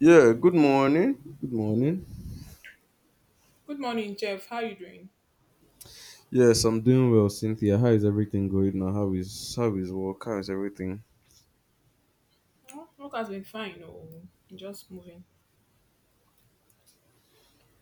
Yeah, good morning. Good morning. Good morning, Jeff. How you doing? Yes, I'm doing well, Cynthia. How is everything going now? How is work? How is everything? Oh, work has been fine. Oh, just moving.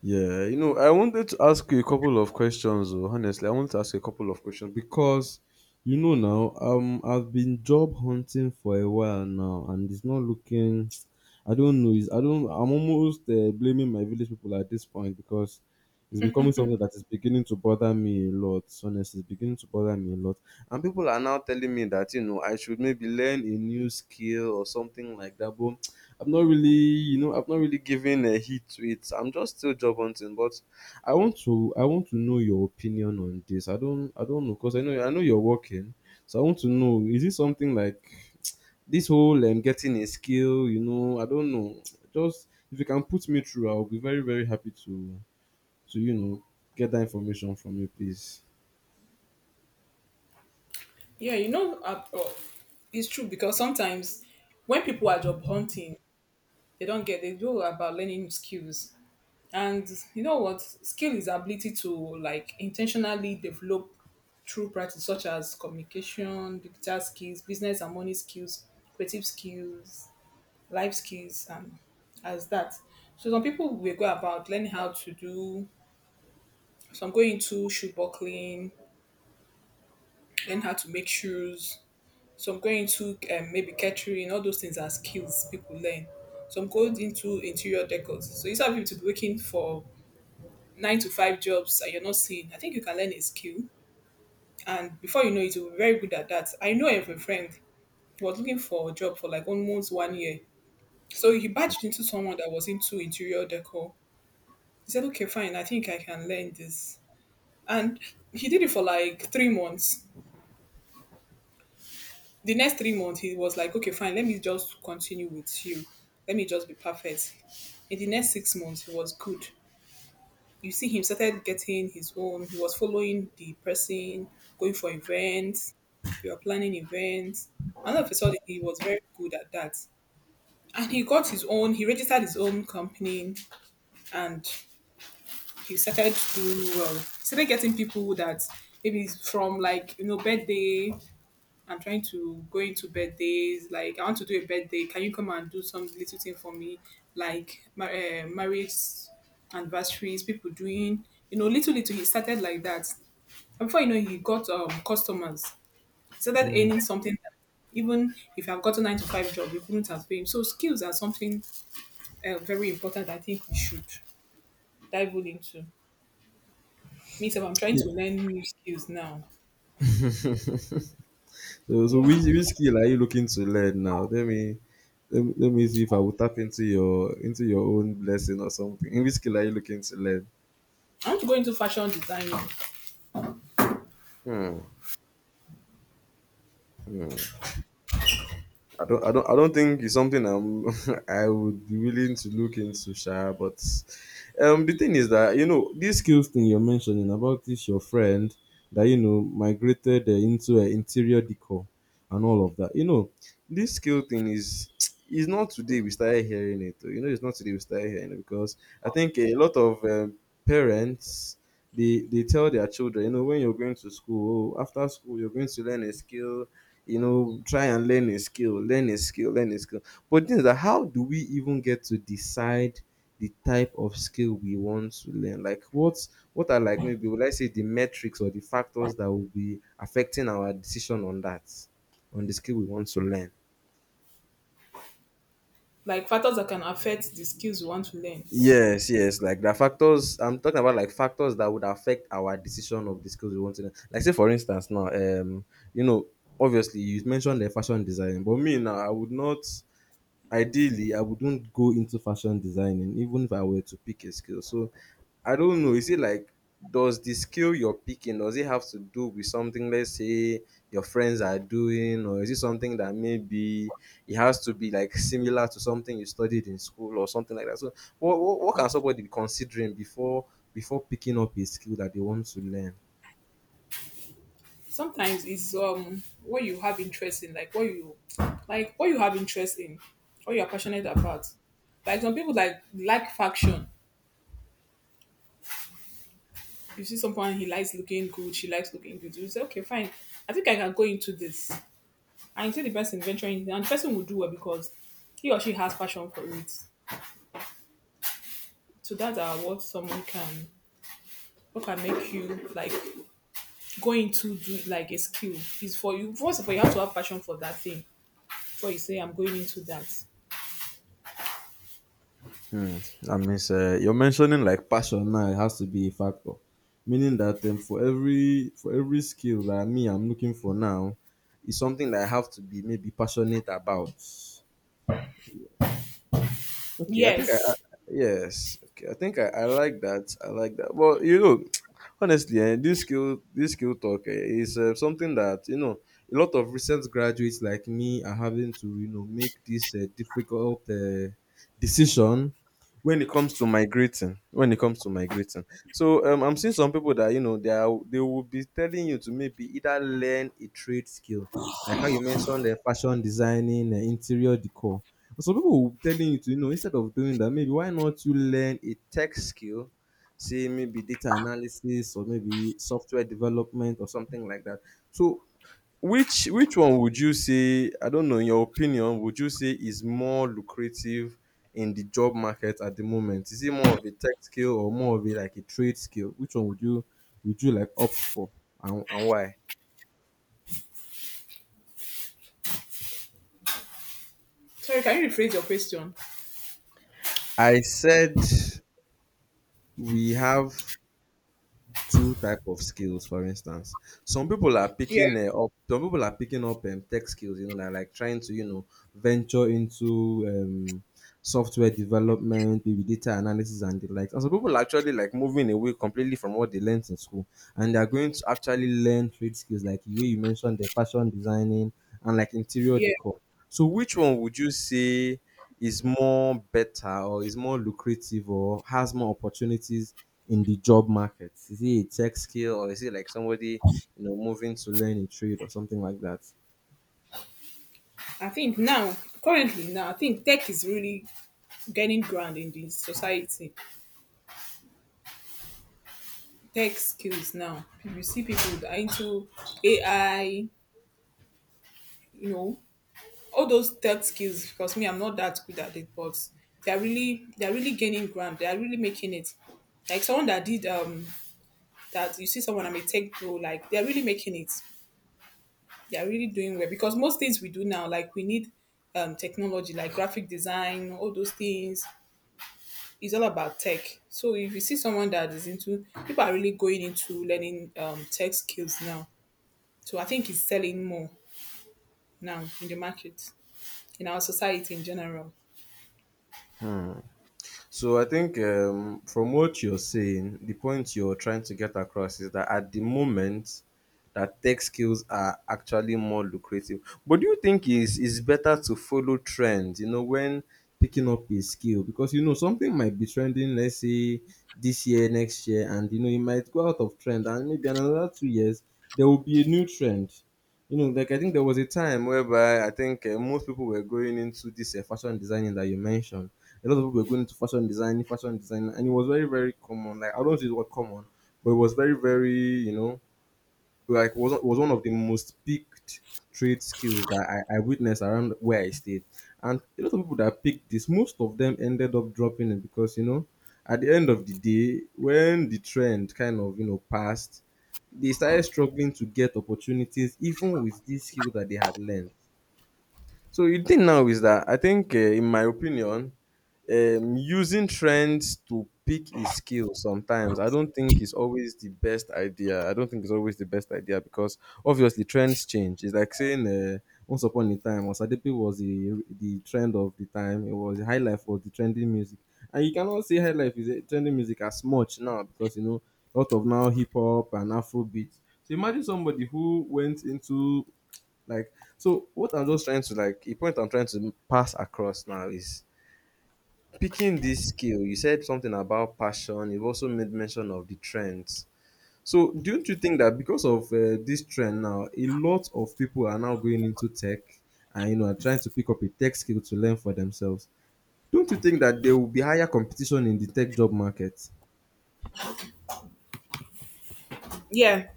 Yeah, you know, I wanted to ask you a couple of questions. Oh, Honestly, I wanted to ask you a couple of questions because, you know, now I've been job hunting for a while now, and it's not looking. I don't know. It's, I don't. I'm almost blaming my village people at this point because it's becoming something that is beginning to bother me a lot. Honestly, it's beginning to bother me a lot, and people are now telling me that you know I should maybe learn a new skill or something like that. But I've not really given a heat to it. I'm just still job hunting, but I want to know your opinion on this. I don't know, cause I know you're working, so I want to know, is it something like this whole getting a skill? You know, I don't know. Just if you can put me through, I'll be very, very happy to get that information from you, please. Yeah. It's true because sometimes when people are job hunting, they don't get they go about learning skills. And you know what? Skill is ability to like intentionally develop through practice, such as communication, digital skills, business and money skills, creative skills, life skills, and as that. So some people will go about learning how to do So I'm going into shoe buckling, learn how to make shoes. So some go into maybe catering. All those things are skills people learn. So I'm going into interior decor. So instead of you to be working for nine to five jobs and you're not seeing, I think you can learn a skill. And before you know it, you'll be very good at that. I know I have a friend who was looking for a job for like almost 1 year. So he badged into someone that was into interior decor. He said, okay, fine, I think I can learn this. And he did it for like 3 months. The next 3 months he was like, okay, fine, let me just continue with you, let me just be perfect. In the next 6 months he was good. You see him started getting his own. He was following the person, going for events, we were planning events, and all of a sudden he was very good at that. And he got his own, he registered his own company, and he started doing well. He started getting people that maybe from like, you know, birthday. I'm trying to go into birthdays. Like, I want to do a birthday. Can you come and do some little thing for me? Like, marriage anniversaries, people doing, you know, little, little. He started like that. And before you know, he got customers. He started Mm. earning something that even if you have got a nine to five job, you couldn't have paid him. So, skills are something very important. I think we should dive well into. Me, so I'm trying to learn new skills now. So, so Yeah. which I which skill are you looking to learn now? Let me see if I will tap into your own blessing or something. In Which skill are you looking to learn? want to go into fashion designing. Hmm. Hmm. I don't think it's something I would be willing to look into, Sha. But the thing is that you know this skills thing you're mentioning about this your friend that you know migrated into interior decor and all of that. You know, this skill thing is is not today we started hearing it. Oh. You know, it's not today we started hearing it because I think a lot of parents, they tell their children, you know, when you're going to school, oh, after school you're going to learn a skill. You know, try and learn a skill, learn a skill, learn a skill, but things that, how do we even get to decide the type of skill we want to learn? Like what are, like, maybe would I say the metrics or the factors that will be affecting our decision on that, on the skill we want to learn? Like factors that can affect the skills you want to learn. Yes, yes. Like the factors I'm talking about, like factors that would affect our decision of the skills we want to learn. Like say for instance now, you know, obviously you mentioned the fashion design, but me now, I would not. Ideally, I wouldn't go into fashion designing, even if I were to pick a skill. So I don't know. Is it like, does the skill you're picking, does it have to do with something? Let's say your friends are doing, or is it something that maybe it has to be like similar to something you studied in school or something like that? So what can somebody be considering before picking up a skill that they want to learn? Sometimes it's what you have interest in, like what you have interest in, what you are passionate about. Like some people like fashion. You see someone he likes looking good, she likes looking good. You say, okay, fine. I think I can go into this. And you see the person venturing into and the person will do well because he or she has passion for it. So that's what someone can, what can make you like going to do like a skill is, for you first of all you have to have passion for that thing what you say. I'm going into that. Hmm. That means you're mentioning like passion now. It has to be a factor, meaning that for every skill that me I'm looking for now, is something that I have to be maybe passionate about. Okay, I think I Yes. yes. Okay, I think I like that. I like that. But you know, honestly, this skill talk, is something that you know a lot of recent graduates like me are having to you know make this difficult decision when it comes to migrating. When it comes to migrating, so I'm seeing some people that you know they will be telling you to maybe either learn a trade skill, like how you mentioned, the fashion designing, interior decor, but some people will be telling you to you know, instead of doing that, maybe why not you learn a tech skill, say maybe data analysis or maybe software development or something like that. So which one would you say, I don't know, in your opinion, would you say is more lucrative in the job market at the moment? Is it more of a tech skill or more of a, like, a trade skill? Which one would you like opt for, and why? Sorry, can you rephrase your question? I said, we have two type of skills, for instance. Yeah, Some people are picking up tech skills. You know, they're like trying to you know venture into software development, maybe data analysis and the like. And some people are actually like moving away completely from what they learned in school, and they're going to actually learn trade skills, like the way you mentioned, the fashion designing and like interior yeah. decor. So which one would you say is more better or is more lucrative or has more opportunities in the job market? Is it a tech skill or is it like somebody, you know, moving to learn a trade or something like that? I think now, currently now, I think tech is really gaining ground in the society. Tech skills now. You see people that are into AI, you know, all those tech skills. Because me, I'm not that good at it, but they're really gaining ground. They're really making it. Like someone that did that you see someone I'm a tech bro, like they're really making it. They are really doing well because most things we do now, like we need technology, like graphic design, all those things. It's all about tech. So if you see someone that is into, people are really going into learning tech skills now. So I think it's selling more now in the market, in our society in general. So I think from what you're saying, the point you're trying to get across is that at the moment, that tech skills are actually more lucrative. But do you think is better to follow trends? You know, when picking up a skill, because you know something might be trending. Let's say this year, next year, and you know it might go out of trend, and maybe in another 2 years there will be a new trend. You know, like I think there was a time whereby I think most people were going into this fashion designing that you mentioned. A lot of people were going into fashion design, and it was very, very common. Like, I don't use the word common, but it was very, very, you know, like was one of the most picked trade skills that I witnessed around where I stayed. And a lot of people that picked this, most of them ended up dropping it because you know, at the end of the day, when the trend kind of you know passed, they started struggling to get opportunities even with this skill that they had learned. So the thing now is that I think, in my opinion, using trends to pick a skill sometimes I don't think is always the best idea. I don't think it's always the best idea because obviously trends change. It's like saying, once upon a time, Osadepe was the trend of the time. It was high life was the trending music, and you cannot say high life is a trending music as much now, because you know, a lot of now hip hop and Afro beats. So imagine somebody who went into, like, so what I'm just trying to, like, a point I'm trying to pass across now is picking this skill. You said something about passion. You've also made mention of the trends. So, don't you think that because of this trend now, a lot of people are now going into tech and you know are trying to pick up a tech skill to learn for themselves? Don't you think that there will be higher competition in the tech job market? Yeah.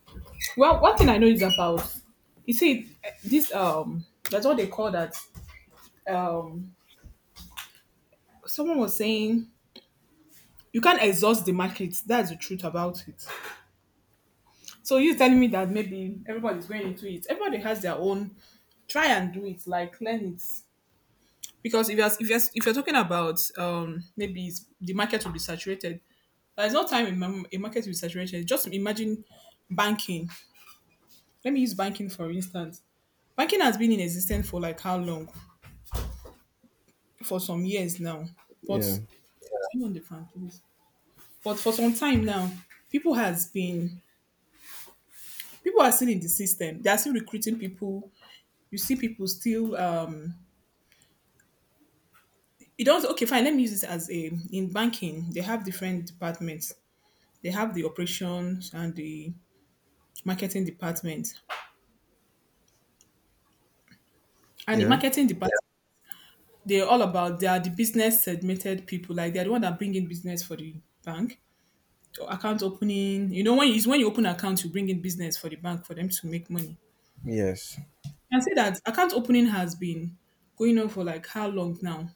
Well, one thing I know is about, you see eh, this that's what they call that, um someone was saying you can't exhaust the market. That's the truth about it. So you telling me that maybe everybody's going into it. Everybody has their own. Try and do it. Like learn it, because if you're talking about maybe the market will be saturated. There's no time in a market will be saturated. Just imagine banking. Let me use banking for instance. Banking has been in existence for like how long? For some years now. But Yeah. hang on the phone, please. But for some time now, people has been people are still in the system. They are still recruiting people. You see people still it does okay fine, let me use this as a, in banking they have different departments. They have the operations and the marketing department. And the Yeah. marketing department they're all about, they are the business segmented people, like they're the one that bring in business for the bank. So account opening, you know, when you open account you bring in business for the bank for them to make money. Yes. And say that account opening has been going on for like how long now,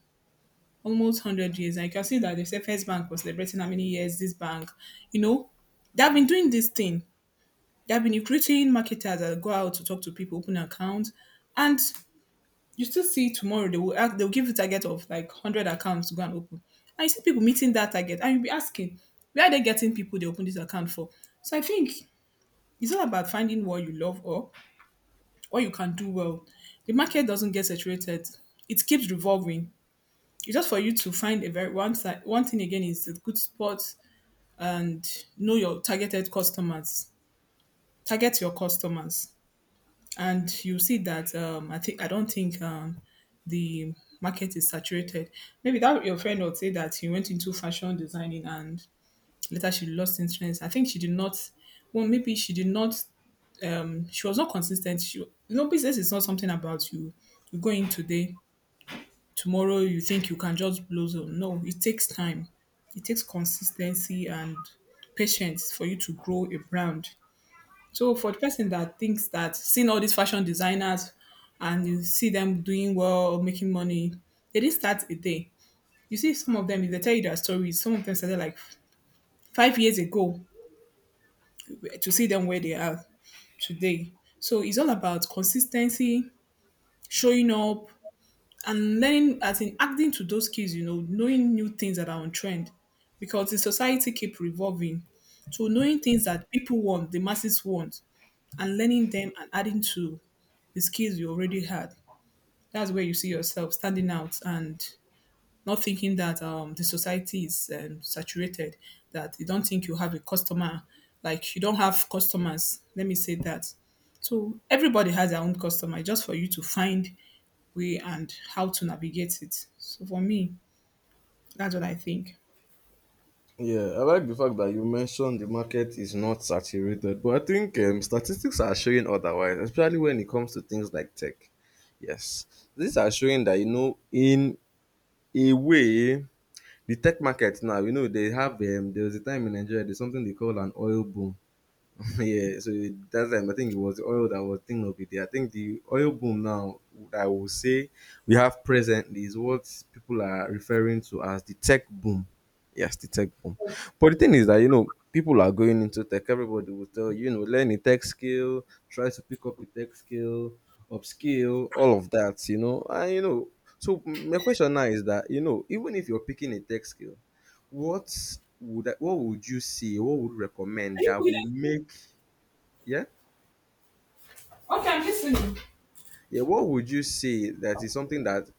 almost 100 years. And you can see that the first bank was celebrating how many years this bank, you know, they have been doing this thing. They have been recruiting marketers that go out to talk to people, open accounts, and you still see tomorrow they will ask, they'll give you a target of like 100 accounts to go and open, and you see people meeting that target, and you'll be asking, where are they getting people they open this account for? So I think it's all about finding what you love or what you can do well. The market doesn't get saturated; it keeps revolving. It's just for you to find a very one side. One thing again is a good spot and know your targeted customers. Target your customers. And you see that I think I don't think the market is saturated. Maybe that your friend would say that she went into fashion designing and later she lost interest. I think she did not. Well, maybe she did not. She was not consistent. She, you know, business is not something about you. You go in today, tomorrow you think you can just blow zone. No, it takes time. It takes consistency and patience for you to grow a brand. So for the person that thinks that, seeing all these fashion designers and you see them doing well, making money, they didn't start a day. You see some of them, if they tell you their stories, some of them started like 5 years ago to see them where they are today. So it's all about consistency, showing up, and learning as in acting to those skills, you know, knowing new things that are on trend. Because the society keep revolving. So knowing things that people want, the masses want, and learning them and adding to the skills you already had. That's where you see yourself standing out and not thinking that the society is saturated, that you don't think you have a customer, like you don't have customers. Let me say that. So everybody has their own customer, just for you to find way and how to navigate it. So for me, that's what I think. Yeah, I like the fact that you mentioned the market is not saturated, but I think statistics are showing otherwise, especially when it comes to things like tech. Yes, these are showing that you know, in a way, the tech market now, you know, they have there was a time in Nigeria, there's something they call an oil boom. Yeah, so that time I think it was the oil that was thing of the day. I think the oil boom now that I will say we have presently is what people are referring to as the tech boom. Yes, the tech boom. But the thing is that you know people are going into tech. Everybody will tell you, you know, learn a tech skill, try to pick up a tech skill, upskill, all of that. You know, and you know. So my question now is that you know, even if you're picking a tech skill, what would you see? What would you recommend Are you that good? will make yeah. Okay, I'm listening. Yeah. What would you say that is something that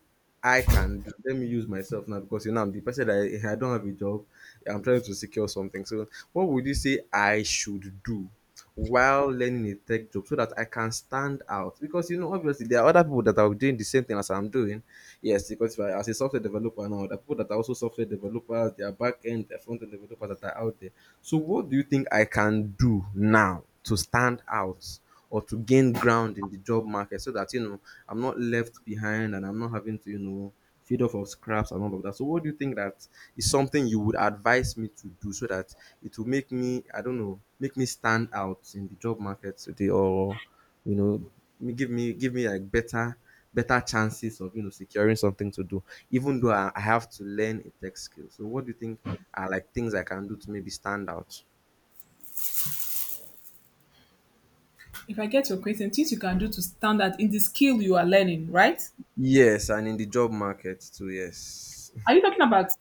I can do? Let me use myself now, because you know I'm the person that I don't have a job. I'm trying to secure something. So what would you say I should do while learning a tech job so that I can stand out? Because you know, obviously there are other people that are doing the same thing as I'm doing. Yes, because if I, as a software developer now, the people that are also software developers, there are back end, there are front end developers that are out there. So, what do you think I can do now to stand out or to gain ground in the job market so that you know I'm not left behind and I'm not having to you know feed off of scraps and all of that? So, what do you think that is something you would advise me to do so that it will make me, I don't know, make me stand out in the job market today, or you know, me give me give me like better chances of you know securing something to do, even though I have to learn a tech skill. So what do you think are like things I can do to maybe stand out? If I get your question, things you can do to stand out in the skill you are learning, right? Yes, and in the job market too. Yes. Are you talking about?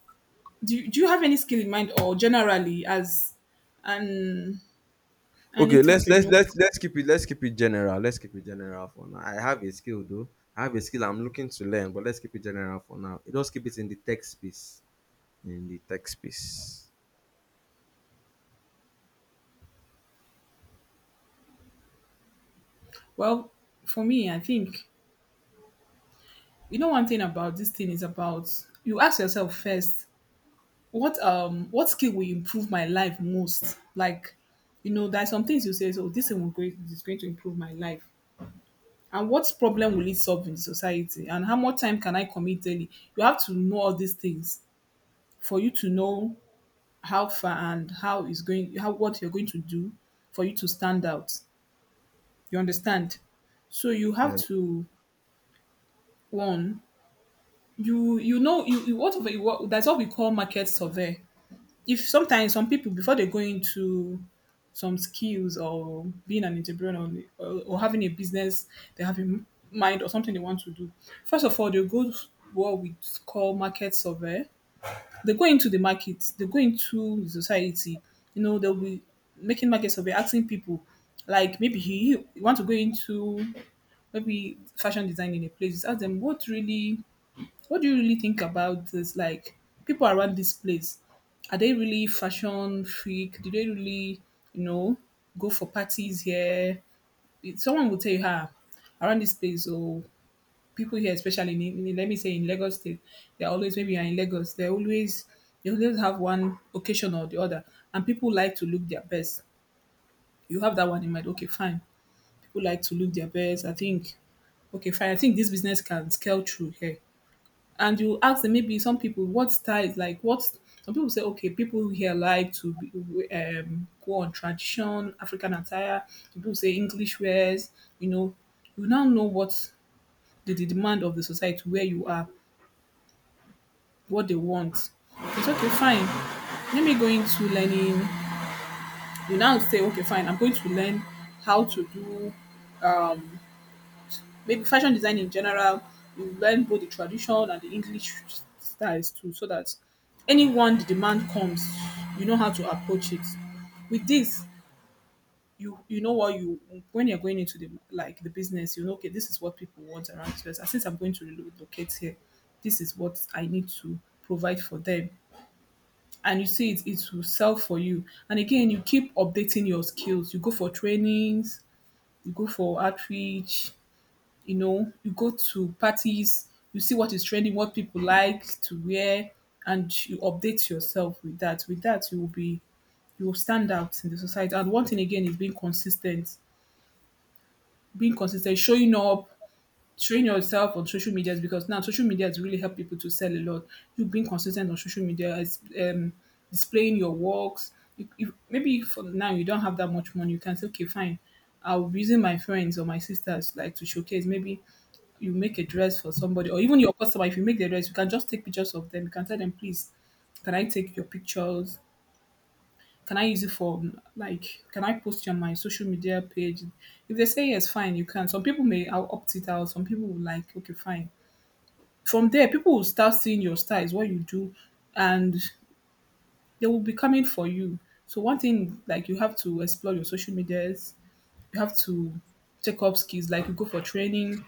Do you have any skill in mind or generally as an an Okay, entrepreneur? Let's keep it general. Let's keep it general for now. I have a skill though. I have a skill I'm looking to learn, but let's keep it general for now. Just keep it in the tech space. In the tech space. Well, for me I think, you know, one thing about this thing is about, you ask yourself first, what skill will improve my life most. Like, you know, there are some things you say, so this thing is going to improve my life. And what problem will it solve in society, and how much time can I commit daily? You have to know all these things for you to know how far and how is going how what you're going to do for you to stand out. You understand? So you have to one, you know you, you what that's what we call market survey. If sometimes some people before they go into some skills or being an entrepreneur or having a business, they have in mind or something they want to do. First of all, they go to what we call market survey. They go into the market, they go into the society. You know, they'll be making market survey, asking people, like maybe he you want to go into maybe fashion design in a place, just ask them what really, what do you really think about this? Like people around this place, are they really fashion freak? Do they really, you know, go for parties here? Someone will tell you, ah, around this place, or people here, especially in let me say in Lagos State, they're always maybe you are in Lagos, they always have one occasion or the other, and people like to look their best. You have that one in mind, okay, fine who like to look their best. I think, okay, fine. I think this business can scale through here. And you ask them maybe some people what style like what some people say okay people here like to be, go on tradition African attire. Some people say English wears. You know, you now know what the demand of the society where you are, what they want. It's okay, fine. Let me go into learning. You now say okay, fine. I'm going to learn how to do um, maybe fashion design in general, you learn both the tradition and the English styles too, so that anyone the demand comes, you know how to approach it. With this, you know what you when you're going into the like the business, you know okay, this is what people want around this place. And since I'm going to relocate here, this is what I need to provide for them. And you see it will sell for you. And again, you keep updating your skills. You go for trainings, you go for outreach, you know, you go to parties, you see what is trending, what people like to wear, and you update yourself with that. With that, you will be you will stand out in the society. And one thing again is being consistent. Being consistent, showing up, showing yourself on social medias because now social media has really helped people to sell a lot. You being consistent on social media is displaying your works. Maybe for now you don't have that much money. You can say, okay, fine. I'll be using my friends or my sisters like to showcase. Maybe you make a dress for somebody or even your customer. If you make the dress, you can just take pictures of them. You can tell them, please, can I take your pictures? Can I use it for like? Can I post it on my social media page? If they say yes, fine, you can. Some people may I'll opt it out. Some people will like, okay, fine. From there, people will start seeing your styles, what you do, and they will be coming for you. So one thing like you have to explore your social medias. You have to check up skills, like you go for training,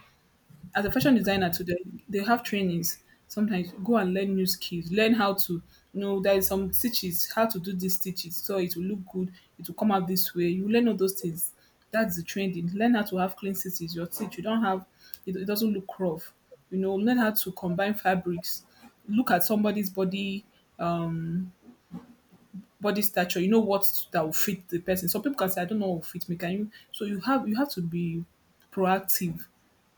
as a fashion designer today, they have trainings. Sometimes go and learn new skills, learn how to you know there is some stitches, how to do these stitches, so it will look good, it will come out this way. You learn all those things. That's the training. Learn how to have clean stitches, your stitch. You don't have it doesn't look rough. You know, learn how to combine fabrics. Look at somebody's body um body stature, you know what that will fit the person. Some people can say, I don't know what will fit me. Can you? So you have to be proactive.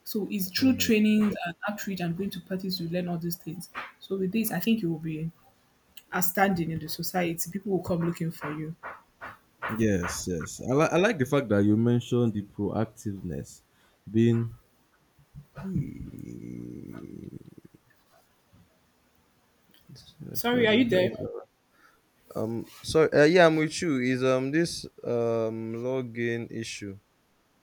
So it's through Yeah. trainings and outreach and going to parties you learn all these things. So with this, I think you will be outstanding in the society. People will come looking for you. Yes, yes. I like the fact that you mentioned the proactiveness being. Sorry, are you there? So, yeah, I'm with you. Is this login issue?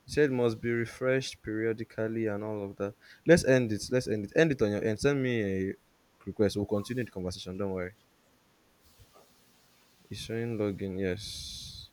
You said must be refreshed periodically and all of that. Let's end it. Let's end it. End it on your end. Send me a request. We'll continue the conversation. Don't worry. It's showing login. Yes.